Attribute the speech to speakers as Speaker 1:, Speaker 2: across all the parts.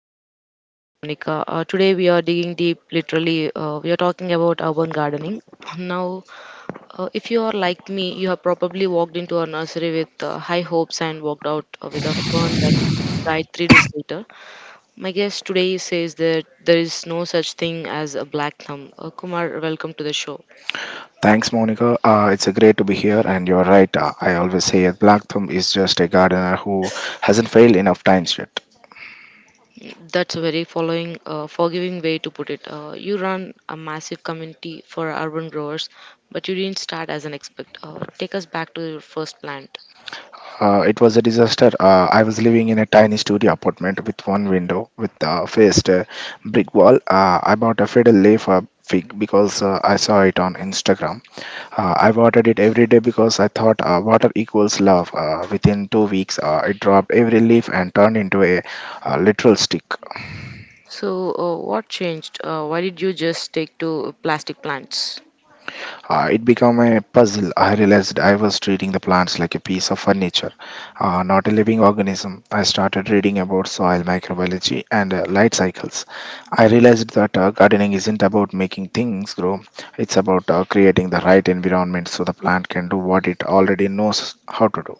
Speaker 1: Resilient. I'm your host, Monica. Today, we are digging deep, literally. We are talking about urban gardening. Now, if you are like me, you have probably walked into a nursery with high hopes and walked out with a fern that died 3 days later. My guest today says that there is no such thing as a black thumb. Kumar, welcome to the show.
Speaker 2: Thanks, Monica. It's a great to be here, and you're right. I always say that Black Thumb is just a gardener who hasn't failed enough times yet.
Speaker 1: That's a very following, forgiving way to put it. You run a massive community for urban growers, but you didn't start as an expert. Take us back to your first plant.
Speaker 2: It was a disaster. I was living in a tiny studio apartment with one window with faced a brick wall. I bought a fiddle leaf fig because I saw it on Instagram. I watered it every day because I thought water equals love. Within 2 weeks, it dropped every leaf and turned into a literal stick.
Speaker 1: So, what changed? Why did you just stick to plastic plants?
Speaker 2: It became a puzzle. I realized I was treating the plants like a piece of furniture, not a living organism. I started reading about soil microbiology and light cycles. I realized that gardening isn't about making things grow, it's about creating the right environment so the plant can do what it already knows how to do.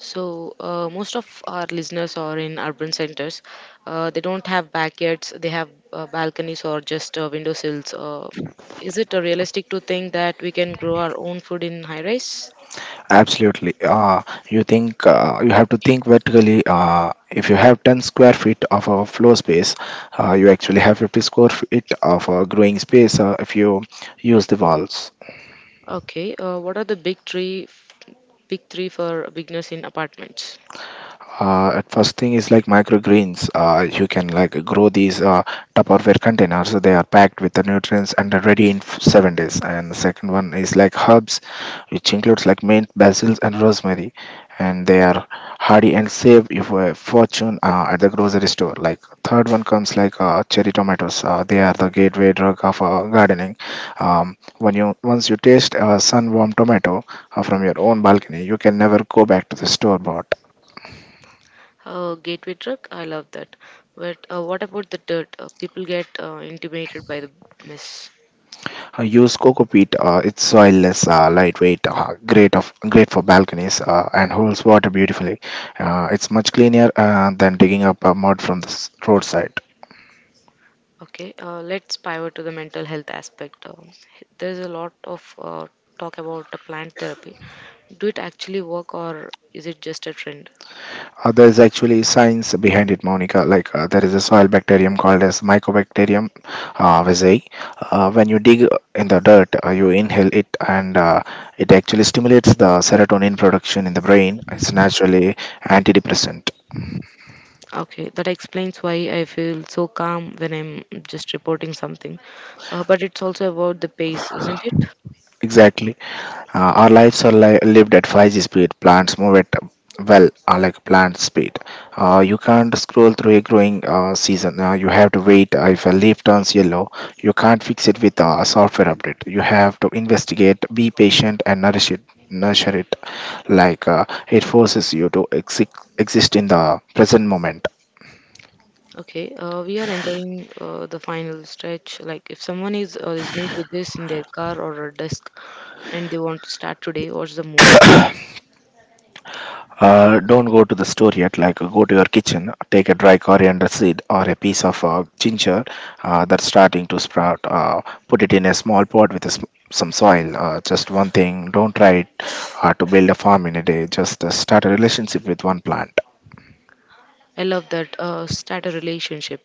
Speaker 1: So, most of our listeners are in urban centers. They don't have backyards, they have balconies or just windowsills. Is it realistic to think that we can grow our own food in high rise?
Speaker 2: Absolutely. You have to think vertically. If you have 10 square feet of a floor space, you actually have 50 square feet of a growing space if you use the walls.
Speaker 1: Okay, what are the big three? Big three for beginners in apartments?
Speaker 2: At first thing is like microgreens. You can like grow these Tupperware containers. They are packed with the nutrients and are ready in 7 days. And the second one is like herbs, which includes like mint, basil, and rosemary. And they are hardy and save you for a fortune at the grocery store. Like third one comes like cherry tomatoes. They are the gateway drug of gardening. When you once you taste a sun warm tomato from your own balcony, you can never go back to the store bought.
Speaker 1: Oh, gateway truck, I love that. But what about the dirt? People get intimidated by the mess.
Speaker 2: I use coco peat. It's soilless, lightweight, great for balconies, and holds water beautifully. It's much cleaner than digging up mud from the roadside.
Speaker 1: Okay, let's pivot to the mental health aspect. There's a lot of talk about the plant therapy. Do it actually work or is it just a trend?
Speaker 2: There is actually science behind it, Monica. There is a soil bacterium called as Mycobacterium vaccae. When you dig in the dirt, you inhale it, and it actually stimulates the serotonin production in the brain. It's naturally antidepressant.
Speaker 1: Okay, that explains why I feel so calm when I'm just reporting something. But it's also about the pace, isn't it?
Speaker 2: Exactly. Our lives are lived at 5G speed. Plants move at well, like plant speed. You can't scroll through a growing season. You have to wait. If a leaf turns yellow, you can't fix it with a software update. You have to investigate, be patient, and nourish it. Nurture it. It forces you to exist in the present moment.
Speaker 1: Okay, we are entering the final stretch. Like, if someone is listening to this in their car or a desk and they want to start today, what's the move?
Speaker 2: Don't go to the store yet. Like, go to your kitchen, take a dry coriander seed or a piece of ginger that's starting to sprout. Put it in a small pot with some soil. Just one thing. Don't try to build a farm in a day. Just start a relationship with one plant.
Speaker 1: I love that. Start a relationship.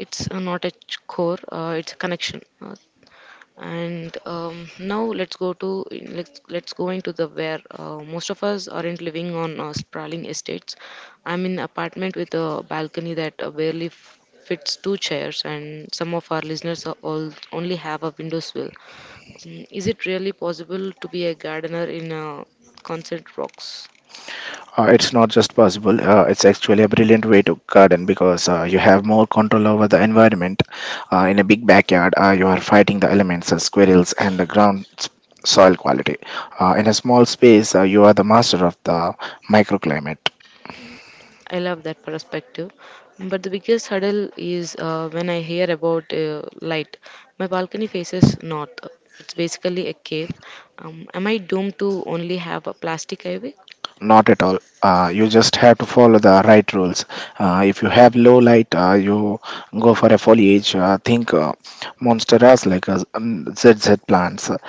Speaker 1: It's not a core, it's a connection. And now let's go into the, where most of us aren't living on sprawling estates. I'm in apartment with a balcony that barely fits two chairs, and some of our listeners are all only have a windowsill. Is it really possible to be a gardener in a concert rocks?
Speaker 2: It's not just possible, it's actually a brilliant way to garden because you have more control over the environment. In a big backyard, you are fighting the elements, squirrels, and the ground soil quality. In a small space, you are the master of the microclimate.
Speaker 1: I love that perspective. But the biggest hurdle is when I hear about light. My balcony faces north. It's basically a cave. Am I doomed to only have a plastic ivy,
Speaker 2: Not at all. You just have to follow the right rules. If you have low light, you go for a foliage. Think monstera ZZ plants. Or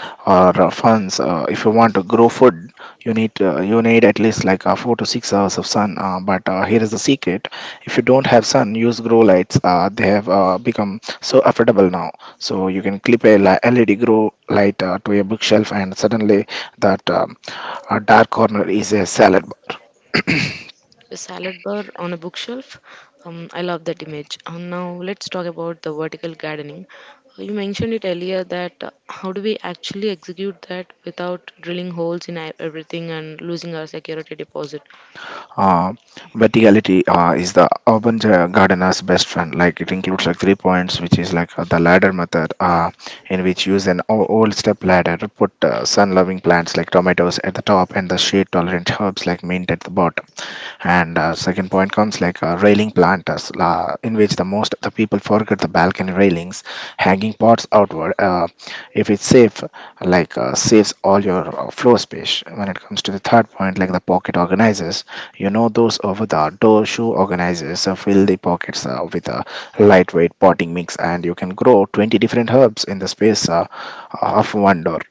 Speaker 2: funds if you want to grow food you need at least 4 to 6 hours of sun, but here is the secret. If you don't have sun, use grow lights. They have become so affordable now, so you can clip a led grow light to a bookshelf, and suddenly that dark corner is a salad.
Speaker 1: a salad bar on a bookshelf? I love that image. Now let's talk about the vertical gardening. You mentioned it earlier that how do we actually execute that without drilling holes in everything and losing our security deposit?
Speaker 2: Uh, Verticality is the urban gardener's best friend. Like it includes like three points, which is like the ladder method, in which use an old step ladder to put sun-loving plants like tomatoes at the top and the shade-tolerant herbs like mint at the bottom. And second point comes like railing planters, in which the most of the people forget the balcony railings, hanging pots outward, if it's safe, saves all your floor space. When it comes to the third point like the pocket organizers, you know those over the outdoor shoe organizers, fill the pockets with a lightweight potting mix, and you can grow 20 different herbs in the space of one door.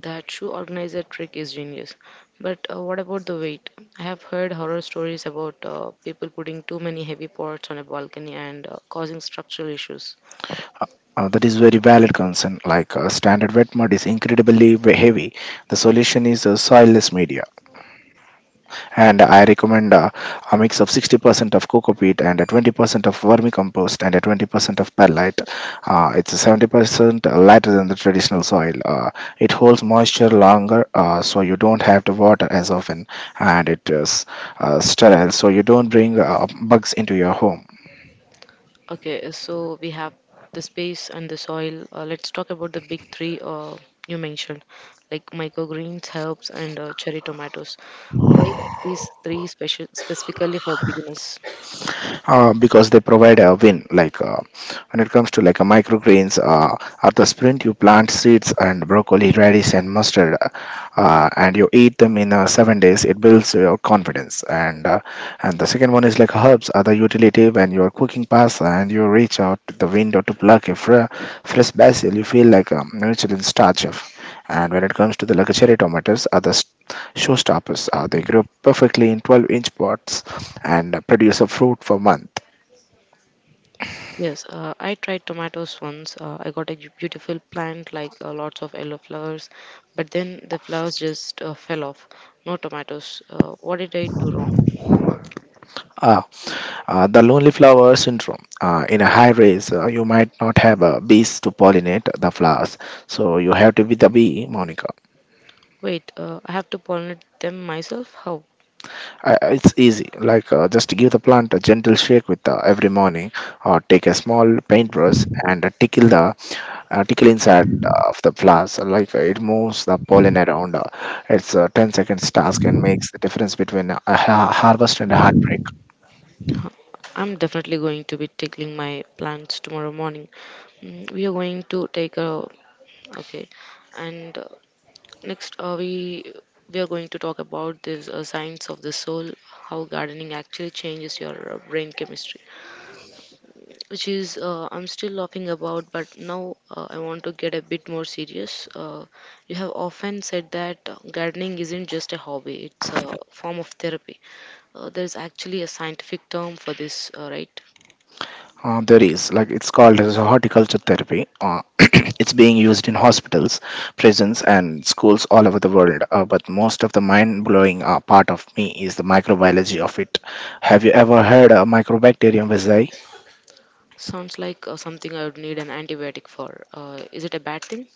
Speaker 1: That shoe organizer trick is genius. But what about the weight? I have heard horror stories about people putting too many heavy pots on a balcony and causing structural issues.
Speaker 2: That is very valid concern. Standard wet mud is incredibly heavy. The solution is a soilless medium, and I recommend a mix of 60% of cocoa peat and a 20% of vermicompost and a 20% of perlite. It's 70% lighter than the traditional soil. It holds moisture longer, so you don't have to water as often, and it is sterile, so you don't bring bugs into your home.
Speaker 1: Okay, so we have the space and the soil. Let's talk about the big three you mentioned, like microgreens, herbs, and cherry tomatoes. Why these three special specifically for beginners?
Speaker 2: Because they provide a win. When it comes to like a microgreens, at the sprint you plant seeds and broccoli radish and mustard and you eat them in 7 days. It builds your confidence. And the second one is like herbs are the utility. When you are cooking pasta and you reach out the window to pluck a fresh basil, you feel like a natural star chef. And when it comes to the luxury, tomatoes are the showstoppers. They grow perfectly in 12-inch pots and produce a fruit per month.
Speaker 1: Yes, I tried tomatoes once. I got a beautiful plant, like lots of yellow flowers, but then the flowers just fell off. No tomatoes. What did I do wrong?
Speaker 2: Ah, the lonely flower syndrome. In a high race, you might not have bees to pollinate the flowers, so you have to be the bee, Monica.
Speaker 1: Wait, I have to pollinate them myself? How?
Speaker 2: It's easy. Just give the plant a gentle shake with every morning, or take a small paintbrush and tickle inside of the flowers. So, it moves the pollen around. It's a 10 seconds task and makes the difference between a harvest and a heartbreak.
Speaker 1: I'm definitely going to be tickling my plants tomorrow morning. We are going to take a. Okay, and next, we are going to talk about this science of the soul, how gardening actually changes your brain chemistry, which is I'm still laughing about, but now I want to get a bit more serious. You have often said that gardening isn't just a hobby, it's a form of therapy. There's actually a scientific term for this, right?
Speaker 2: There is, like it's called as a horticulture therapy. It's being used in hospitals, prisons, and schools all over the world. But most of the mind-blowing part of me is the microbiology of it. Have you ever heard of Mycobacterium vitae?
Speaker 1: Sounds like something I would need an antibiotic for. Is it a bad thing?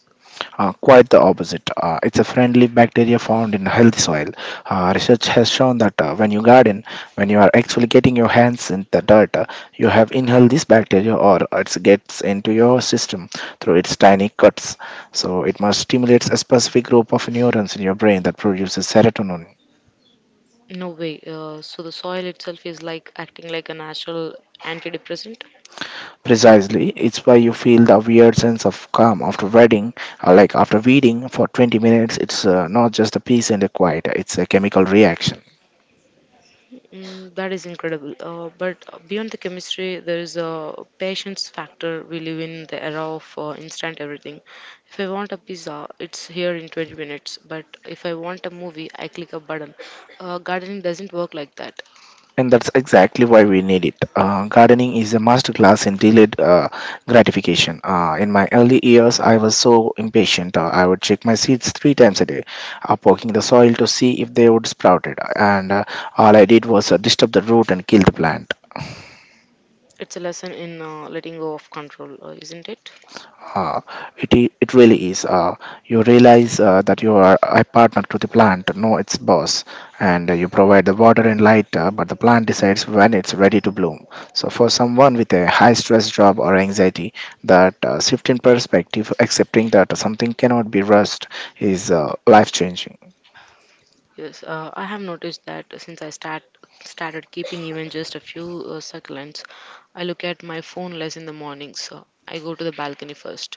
Speaker 2: Quite the opposite. It's a friendly bacteria found in healthy soil. Research has shown that when you are actually getting your hands in the dirt, you have inhaled this bacteria or it gets into your system through its tiny cuts. So it must stimulate a specific group of neurons in your brain that produces serotonin.
Speaker 1: No way. So the soil itself is like acting like a natural antidepressant.
Speaker 2: Precisely, it's why you feel the weird sense of calm after wedding, like after weeding for 20 minutes. It's not just a peace and a quiet, it's a chemical reaction.
Speaker 1: That is incredible. But beyond the chemistry, there is a patience factor. We live in the era of instant everything. If I want a pizza, it's here in 20 minutes. But if I want a movie, I click a button. Gardening doesn't work like that.
Speaker 2: And that's exactly why we need it. Gardening is a masterclass in delayed gratification. In my early years, I was so impatient. I would check my seeds three times a day, poking the soil to see if they would sprouted. And all I did was disturb the root and kill the plant.
Speaker 1: It's a lesson in letting go of control, isn't it?
Speaker 2: Uh, it really is. You realize that you are a partner to the plant, no its boss, and you provide the water and light, but the plant decides when it's ready to bloom. So, for someone with a high stress job or anxiety, that shift in perspective, accepting that something cannot be rushed, is life changing.
Speaker 1: Yes, I have noticed that since I start started keeping even just a few succulents, I look at my phone less in the mornings. So I go to the balcony first.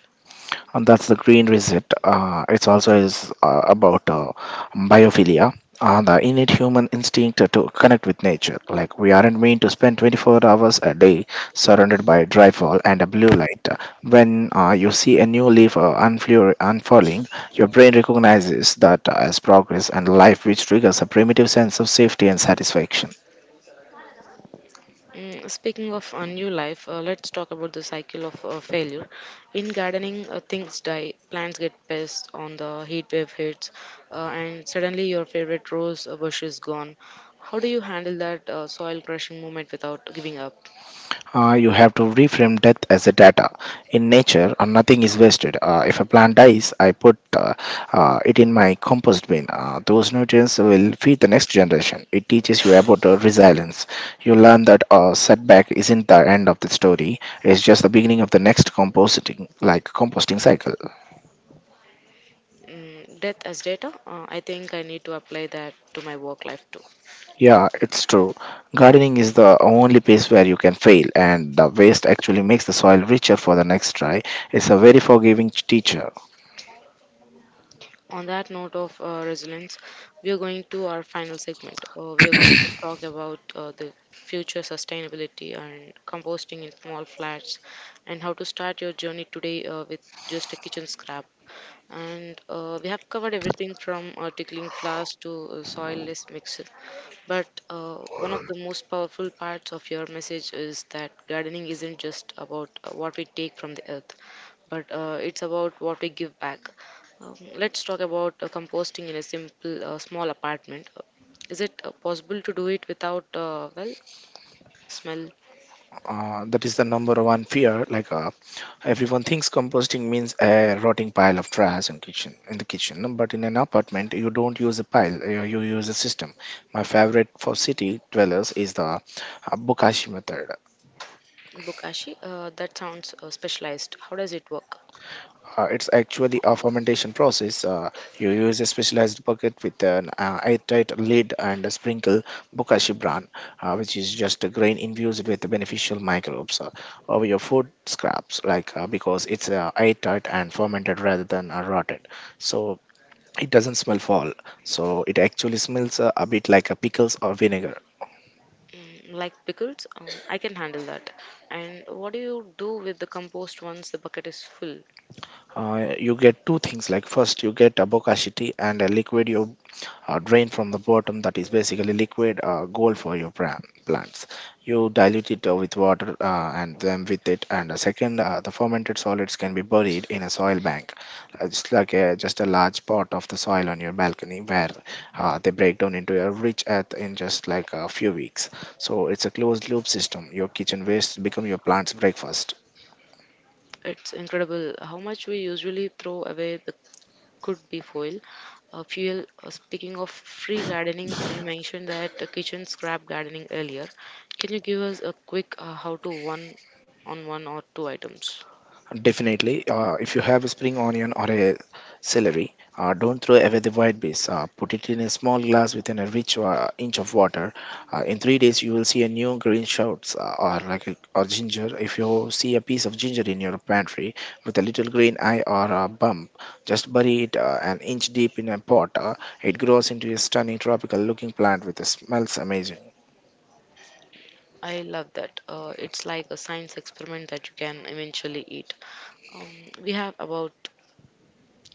Speaker 2: And that's the green reset. It's also is about biophilia. The innate human instinct to connect with nature. Like we aren't meant to spend 24 hours a day surrounded by dry fall and a blue light. When you see a new leaf unfurling, your brain recognizes that as progress and life, which triggers a primitive sense of safety and satisfaction.
Speaker 1: Speaking of a new life, let's talk about the cycle of failure. In gardening, things die, plants get pests on the heat wave hits, and suddenly your favorite rose bush is gone. How do you handle that soil crushing moment without giving up?
Speaker 2: You have to reframe death as a data. In nature, nothing is wasted. If a plant dies, I put it in my compost bin. Those nutrients will feed the next generation. It teaches you about resilience. You learn that setback isn't the end of the story; it's just the beginning of the next composting cycle.
Speaker 1: Death as data? I think I need to apply that to my work life too.
Speaker 2: Yeah, it's true. Gardening is the only place where you can fail, and the waste actually makes the soil richer for the next try. It's a very forgiving teacher.
Speaker 1: On that note of resilience, we are going to our final segment. We are going to talk about the future sustainability and composting in small flats and how to start your journey today with just a kitchen scrap. And we have covered everything from tickling flowers to soilless mix. But one of the most powerful parts of your message is that gardening isn't just about what we take from the earth, but it's about what we give back. Let's talk about composting in a simple, small apartment. Is it possible to do it without, well, smell?
Speaker 2: That is the number one fear. Everyone thinks composting means a rotting pile of trash in the kitchen. No, but in an apartment you don't use a pile. You use a system. My favorite for city dwellers is the bokashi method.
Speaker 1: Bokashi, that sounds specialized. How does it work?
Speaker 2: It's actually a fermentation process. You use a specialized bucket with an airtight lid and sprinkle bokashi bran, which is just a grain infused with beneficial microbes, over your food scraps, because it's airtight and fermented rather than rotted. So it doesn't smell foul. So it actually smells a bit like a pickles or vinegar.
Speaker 1: Like pickles. I can handle that. And what do you do with the compost once the bucket is full?
Speaker 2: You get two things. Like first you get a bokashi tea and a liquid your drain from the bottom that is basically liquid gold for your plants. You dilute it with water, and second, the fermented solids can be buried in a soil bank, just a large pot of the soil on your balcony where they break down into a rich earth in just like a few weeks. So it's a closed loop system. Your kitchen waste become your plants breakfast.
Speaker 1: It's incredible how much we usually throw away the could be foil, fuel. Speaking of free gardening, you mentioned that kitchen scrap gardening earlier, can you give us a quick how to one on one or two items?
Speaker 2: Definitely. If you have a spring onion or a celery, don't throw away the white base. Put it in a small glass within a rich inch of water. In 3 days, you will see a new green shoots, or ginger. If you see a piece of ginger in your pantry with a little green eye or a bump, just bury it an inch deep in a pot. It grows into a stunning tropical-looking plant with a smells amazing.
Speaker 1: I love that. It's like a science experiment that you can eventually eat. Um, we have about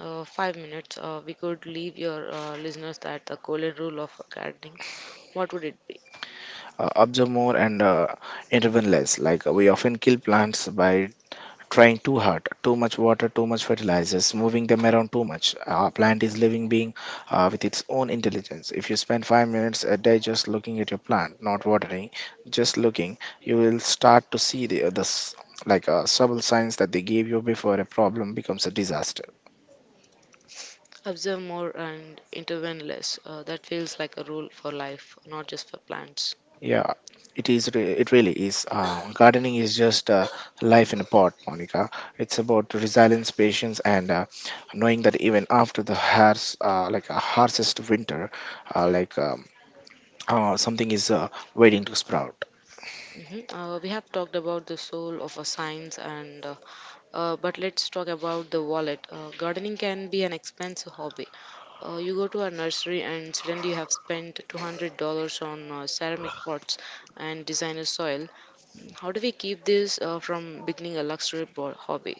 Speaker 1: 5 minutes, we could leave your listeners that the golden rule of gardening, what would it be?
Speaker 2: Observe more and intervene less. We often kill plants by trying too hard, too much water, too much fertilizers, moving them around too much. Our plant is living being with its own intelligence. If you spend 5 minutes a day just looking at your plant, not watering, just looking, you will start to see the subtle signs that they gave you before a problem becomes a disaster.
Speaker 1: Observe more and intervene less. That feels like a rule for life, not just for plants.
Speaker 2: Yeah, it is. It really is. Gardening is just life in a pot, Monica. It's about resilience, patience, and knowing that even after the harshest winter, uh, like um, something is waiting to sprout.
Speaker 1: Mhm. We have talked about the soul of a science, and but let's talk about the wallet. Gardening can be an expensive hobby. You go to a nursery and suddenly you have spent $200 on ceramic pots and designer soil. How do we keep this from becoming a luxury hobby?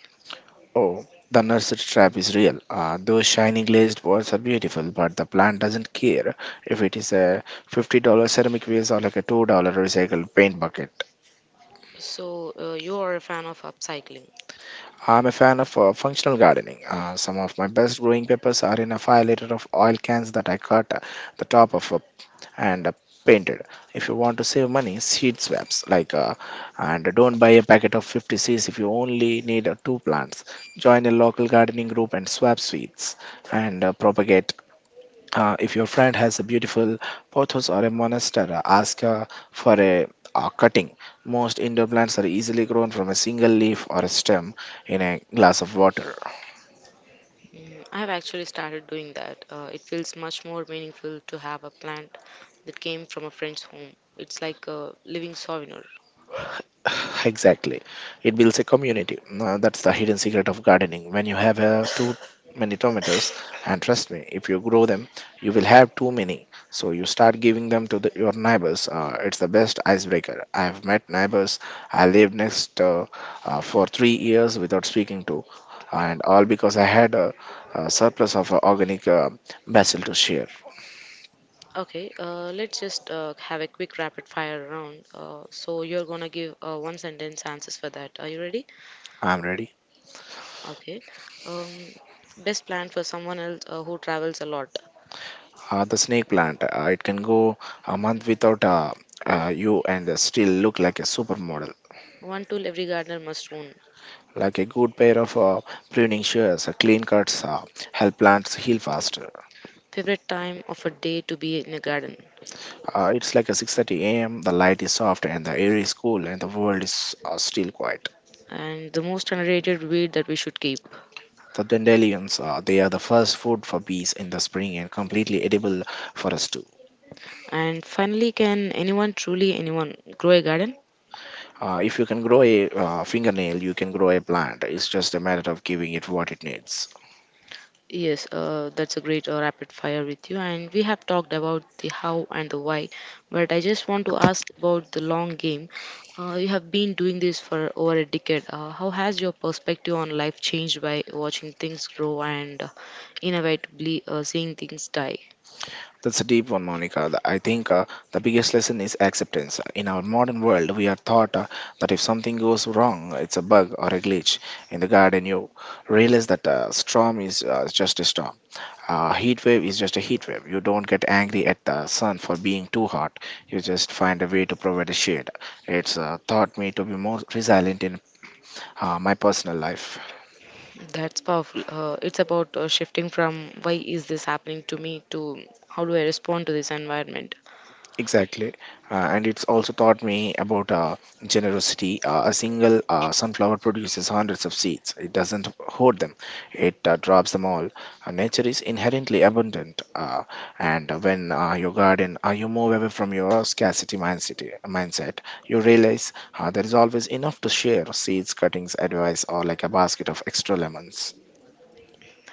Speaker 2: Oh, the nursery trap is real. Those shiny glazed walls are beautiful, but the plant doesn't care if it is a $50 ceramic vase or like a $2 recycled paint bucket.
Speaker 1: So you are a fan of upcycling.
Speaker 2: I'm a fan of functional gardening. Some of my best growing peppers are in a 5 liter of oil cans that I cut the top of, and painted. If you want to save money, seed swaps, and don't buy a packet of 50 seeds if you only need two plants. Join a local gardening group and swap seeds and propagate. If your friend has a beautiful pothos or a monastery, ask for a cutting. Most indoor plants are easily grown from a single leaf or a stem in a glass of water.
Speaker 1: I have actually started doing that. It feels much more meaningful to have a plant that came from a friend's home. It's like a living souvenir.
Speaker 2: Exactly. It builds a community. That's the hidden secret of gardening. When you have too many tomatoes, and trust me, if you grow them you will have too many, so you start giving them to your neighbors. It's the best icebreaker. I have met neighbors I lived next for 3 years without speaking to, and all because I had a surplus of organic basil to share.
Speaker 1: Okay, let's just have a quick rapid fire round. So you're gonna give one sentence answers for that. Are you ready?
Speaker 2: I'm ready.
Speaker 1: Okay. Um, best plant for someone else who travels a lot.
Speaker 2: The snake plant. It can go a month without you and still look like a supermodel.
Speaker 1: One tool every gardener must own.
Speaker 2: Like a good pair of pruning shears. Clean cuts help plants heal faster.
Speaker 1: Favorite time of a day to be in a garden.
Speaker 2: It's like a 6:30 a.m. The light is soft and the air is cool and the world is still quiet.
Speaker 1: And the most underrated weed that we should keep.
Speaker 2: The dandelions, they are the first food for bees in the spring and completely edible for us too.
Speaker 1: And finally, can anyone, truly anyone, grow a garden?
Speaker 2: If you can grow a fingernail, you can grow a plant. It's just a matter of giving it what it needs.
Speaker 1: Yes, that's a great rapid fire with you. And we have talked about the how and the why, but I just want to ask about the long game. You have been doing this for over a decade. How has your perspective on life changed by watching things grow and inevitably seeing things die?
Speaker 2: That's a deep one, Monica. I think the biggest lesson is acceptance. In our modern world, we are taught that if something goes wrong, it's a bug or a glitch in the garden. You realize that a storm is just a storm. A heat wave is just a heat wave. You don't get angry at the sun for being too hot. You just find a way to provide a shade. It's taught me to be more resilient in my personal life.
Speaker 1: That's powerful. It's about shifting from why is this happening to me to how do I respond to this environment.
Speaker 2: Exactly. And it's also taught me about generosity. A single sunflower produces hundreds of seeds. It doesn't hoard them, it drops them all. Nature is inherently abundant. And when your garden, you move away from your scarcity mindset, you realize there is always enough to share seeds, cuttings, advice, or like a basket of extra lemons.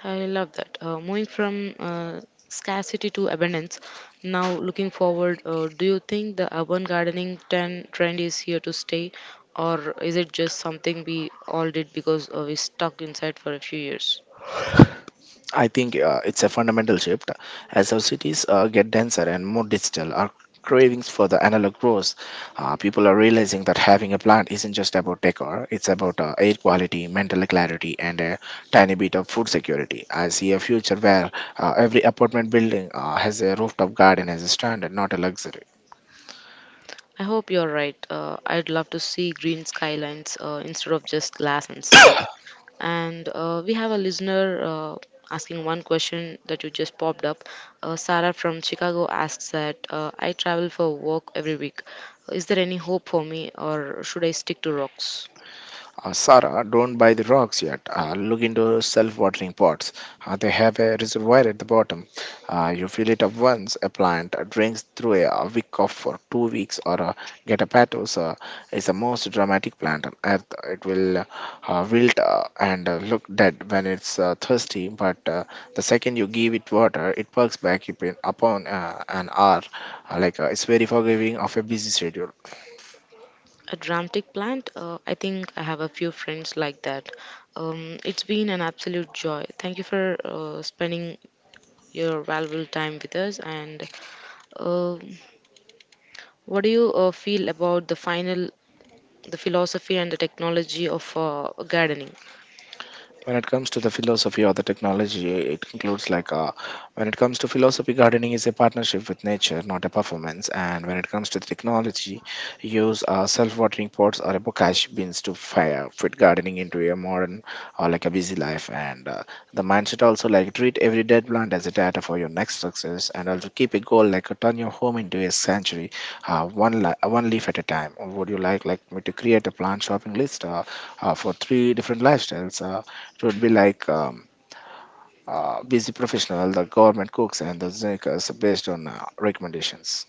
Speaker 1: I love that. Moving from scarcity to abundance, now looking forward, do you think the urban gardening trend is here to stay, or is it just something we all did because we stuck inside for a few years?
Speaker 2: I think it's a fundamental shift. As our cities get denser and more digital, our cravings for the analog grows. People are realizing that having a plant isn't just about decor, it's about air quality, mental clarity, and a tiny bit of food security. I see a future where every apartment building has a rooftop garden as a standard, not a luxury.
Speaker 1: I hope you're right. I'd love to see green skylines instead of just glass and steel. And we have a listener asking one question that you just popped up. Sarah from Chicago asks that I travel for work every week. Is there any hope for me, or should I stick to rocks?
Speaker 2: Sarah, don't buy the rocks yet. Look into self-watering pots. They have a reservoir at the bottom. You fill it up once. A plant drinks through a wick of for 2 weeks. Or get a patos is the most dramatic plant on earth. It will wilt and look dead when it's thirsty, but the second you give it water, it perks back up upon an hour. It's very forgiving of a busy schedule.
Speaker 1: A dramatic plant? I think I have a few friends like that. It's been an absolute joy. Thank you for spending your valuable time with us, and. um What do you feel about the final, the philosophy and the technology of gardening?
Speaker 2: When it comes to the philosophy or the technology, it includes when it comes to philosophy, gardening is a partnership with nature, not a performance. And when it comes to the technology, use self-watering pots or a bokashi bins to fire fit gardening into a modern or like a busy life. And the mindset, also like treat every dead plant as a data for your next success. And also keep a goal, turn your home into a sanctuary one leaf at a time. Would you like me to create a plant shopping list, for three different lifestyles, should be like busy professional, the government cooks, and the Zekas, based on recommendations?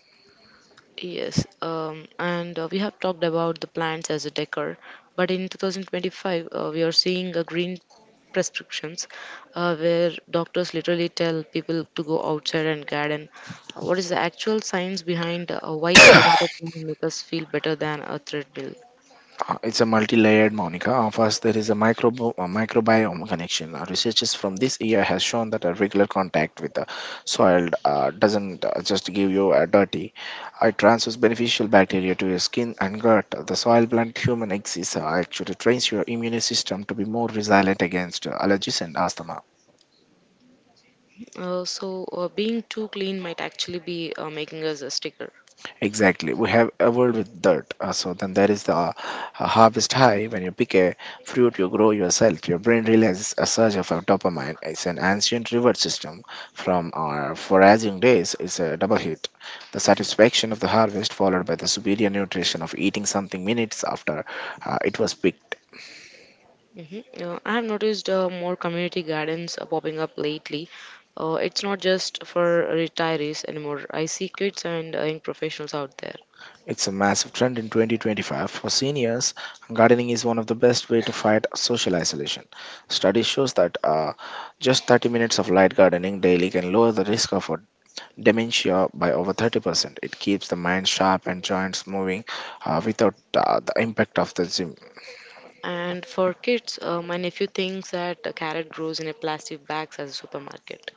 Speaker 1: Yes, and we have talked about the plants as a decor, but in 2025, we are seeing a green prescriptions where doctors literally tell people to go outside and garden. What is the actual science behind why a tomato plant makes us feel better than a treadmill?
Speaker 2: It's a multi-layered, Monica. First, there is a microbiome connection. Researches from this year has shown that a regular contact with the soil doesn't just give you a dirty. It transfers beneficial bacteria to your skin and gut. The soil plant human eggs is, actually trains your immune system to be more resilient against allergies and asthma.
Speaker 1: So, being too clean might actually be making us a sticker.
Speaker 2: Exactly, we have a world with dirt. So then there is the harvest high. When you pick a fruit, you grow yourself. Your brain realizes a surge of dopamine. It's an ancient reward system from our foraging days. It's a double hit. The satisfaction of the harvest followed by the superior nutrition of eating something minutes after it was picked.
Speaker 1: Mhm. I have noticed more community gardens are popping up lately. It's not just for retirees anymore. I see kids and young professionals out there.
Speaker 2: It's a massive trend in 2025. For seniors, gardening is one of the best way to fight social isolation. Study shows that just 30 minutes of light gardening daily can lower the risk of dementia by over 30%. It keeps the mind sharp and joints moving without the impact of the gym.
Speaker 1: And for kids, my nephew thinks that a carrot grows in a plastic bags as a supermarket.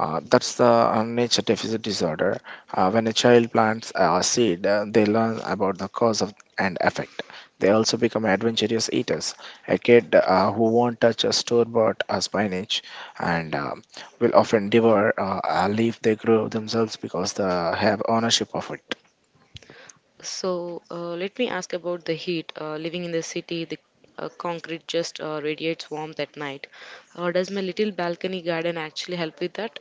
Speaker 2: That's the nature deficit disorder. When a child plants a seed, they learn about the cause of and effect. They also become adventurous eaters. A kid who won't touch a store-bought spinach and will often devour a leaf they grow themselves because they have ownership of it.
Speaker 1: So let me ask about the heat. Living in the city, the concrete just radiates warmth at night. Does my little balcony garden actually help with that?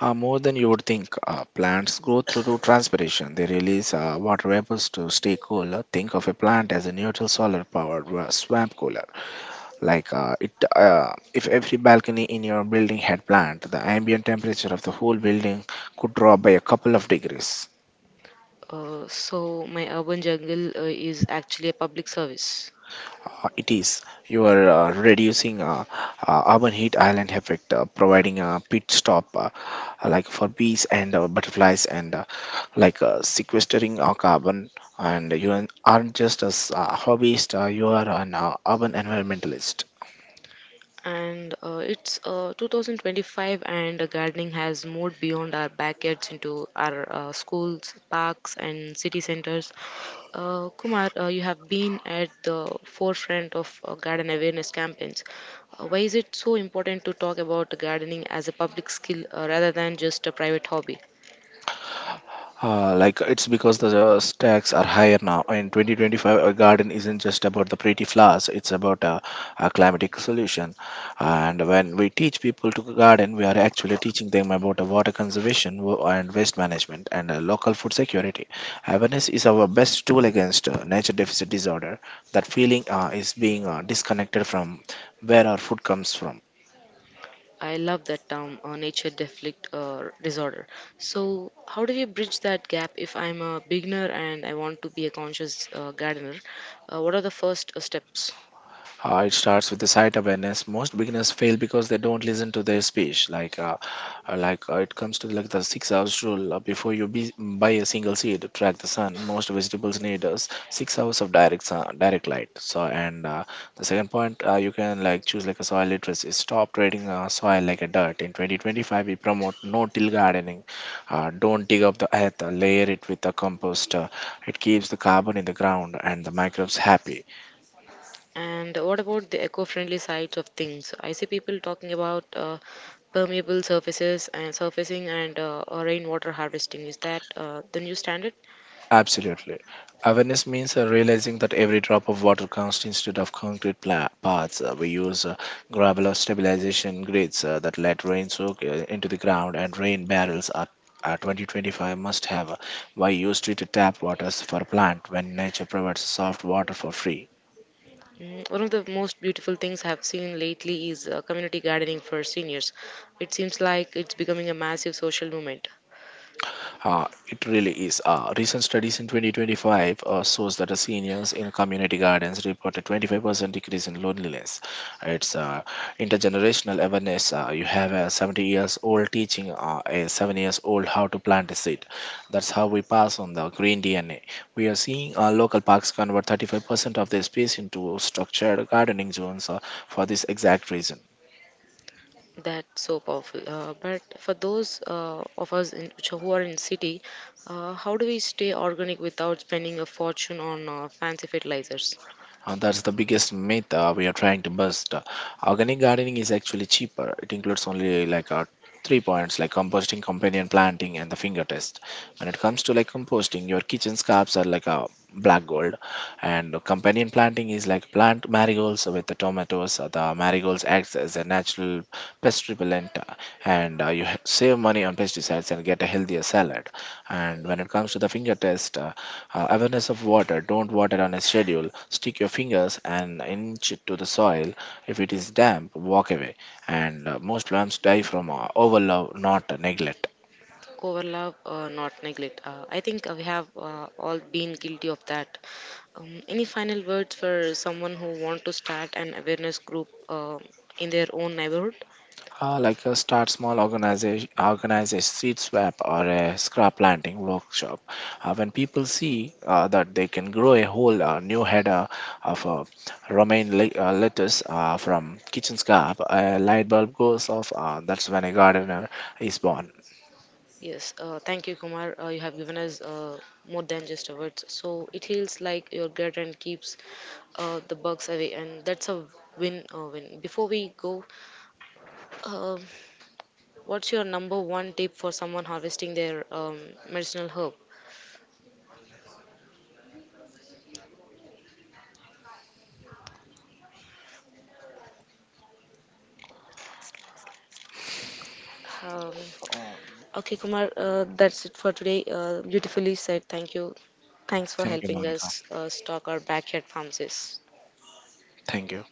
Speaker 2: More than you would think, plants grow through transpiration. They release water vapors to stay cool. Think of a plant as a neutral solar powered swamp cooler. If every balcony in your building had plant, the ambient temperature of the whole building could drop by a couple of degrees.
Speaker 1: So my urban jungle is actually a public service.
Speaker 2: It is. You are reducing urban heat island effect, providing a pit stop like for bees and butterflies, and sequestering carbon. And you aren't just a hobbyist; you are an urban environmentalist.
Speaker 1: And it's 2025, and gardening has moved beyond our backyards into our schools, parks and city centers. Kumar, you have been at the forefront of garden awareness campaigns. Why is it so important to talk about gardening as a public skill rather than just a private hobby?
Speaker 2: It's because the stacks are higher now. In 2025, a garden isn't just about the pretty flowers; it's about a climatic solution. And when we teach people to garden, we are actually teaching them about water conservation and waste management and local food security. Awareness is our best tool against nature deficit disorder. That feeling is being disconnected from where our food comes from.
Speaker 1: I love that term, nature deflect disorder. So, how do we bridge that gap if I'm a beginner and I want to be a conscious gardener? What are the first steps?
Speaker 2: It starts with the sight awareness. Most beginners fail because they don't listen to their speech. It comes to like the 6 hours rule. Before you buy a single seed to track the sun, most vegetables need 6 hours of direct sun, direct light. So, and the second point, you can like choose like a soil literacy. Stop treating soil like a dirt. In 2025, we promote no-till gardening. Don't dig up the earth. Layer it with the compost. It keeps the carbon in the ground and the microbes happy.
Speaker 1: And what about the eco friendly sides of things? I see people talking about permeable surfaces and surfacing and rainwater harvesting. Is that the new standard?
Speaker 2: Absolutely. Awareness means realizing that every drop of water counts. Instead of concrete paths, we use gravel or stabilization grids that let rain soak into the ground, and rain barrels are. 2025 must have. Why use treated tap waters for a plant when nature provides soft water for free?
Speaker 1: One of the most beautiful things I've seen lately is community gardening for seniors. It seems like it's becoming a massive social movement.
Speaker 2: It really is. Recent studies in 2025 shows that the seniors in community gardens report a 25% decrease in loneliness. It's intergenerational awareness. You have a 70 years old teaching a 7 years old how to plant a seed. That's how we pass on the green DNA. We are seeing local parks convert 35% of their space into structured gardening zones for this exact reason.
Speaker 1: That's so powerful. But for those of us who are in city, how do we stay organic without spending a fortune on fancy fertilizers?
Speaker 2: That's the biggest myth we are trying to bust. Organic gardening is actually cheaper. It includes only 3 points like composting, companion planting, and the finger test. When it comes to like composting, your kitchen scraps are like a black gold, and companion planting is like plant marigolds with the tomatoes. The marigolds acts as a natural pest repellent, and you save money on pesticides and get a healthier salad. And when it comes to the finger test, awareness of water. Don't water on a schedule. Stick your fingers an inch to the soil. If it is damp, walk away. And Most plants die from overlove, not neglect.
Speaker 1: Cover love, not neglect. I think we have all been guilty of that. Any final words for someone who want to start an awareness group in their own neighborhood?
Speaker 2: Start small organization, organize a seed swap or a scrap planting workshop. When people see that they can grow a whole new head of lettuce from kitchen scrap, a light bulb goes off. That's when a gardener is born.
Speaker 1: Yes, thank you, Kumar. You have given us more than just words. So it heals like your gut and keeps the bugs away, and that's a win. Win. Before we go, um what's your number one tip for someone harvesting their medicinal herb? Um,
Speaker 2: Oh,
Speaker 1: okay, Kumar, that's it for today. Beautifully said. Thank you. Thanks for
Speaker 2: thank you,
Speaker 1: helping
Speaker 2: Monica.
Speaker 1: us stock our backyard pharmacies.
Speaker 2: Thank you.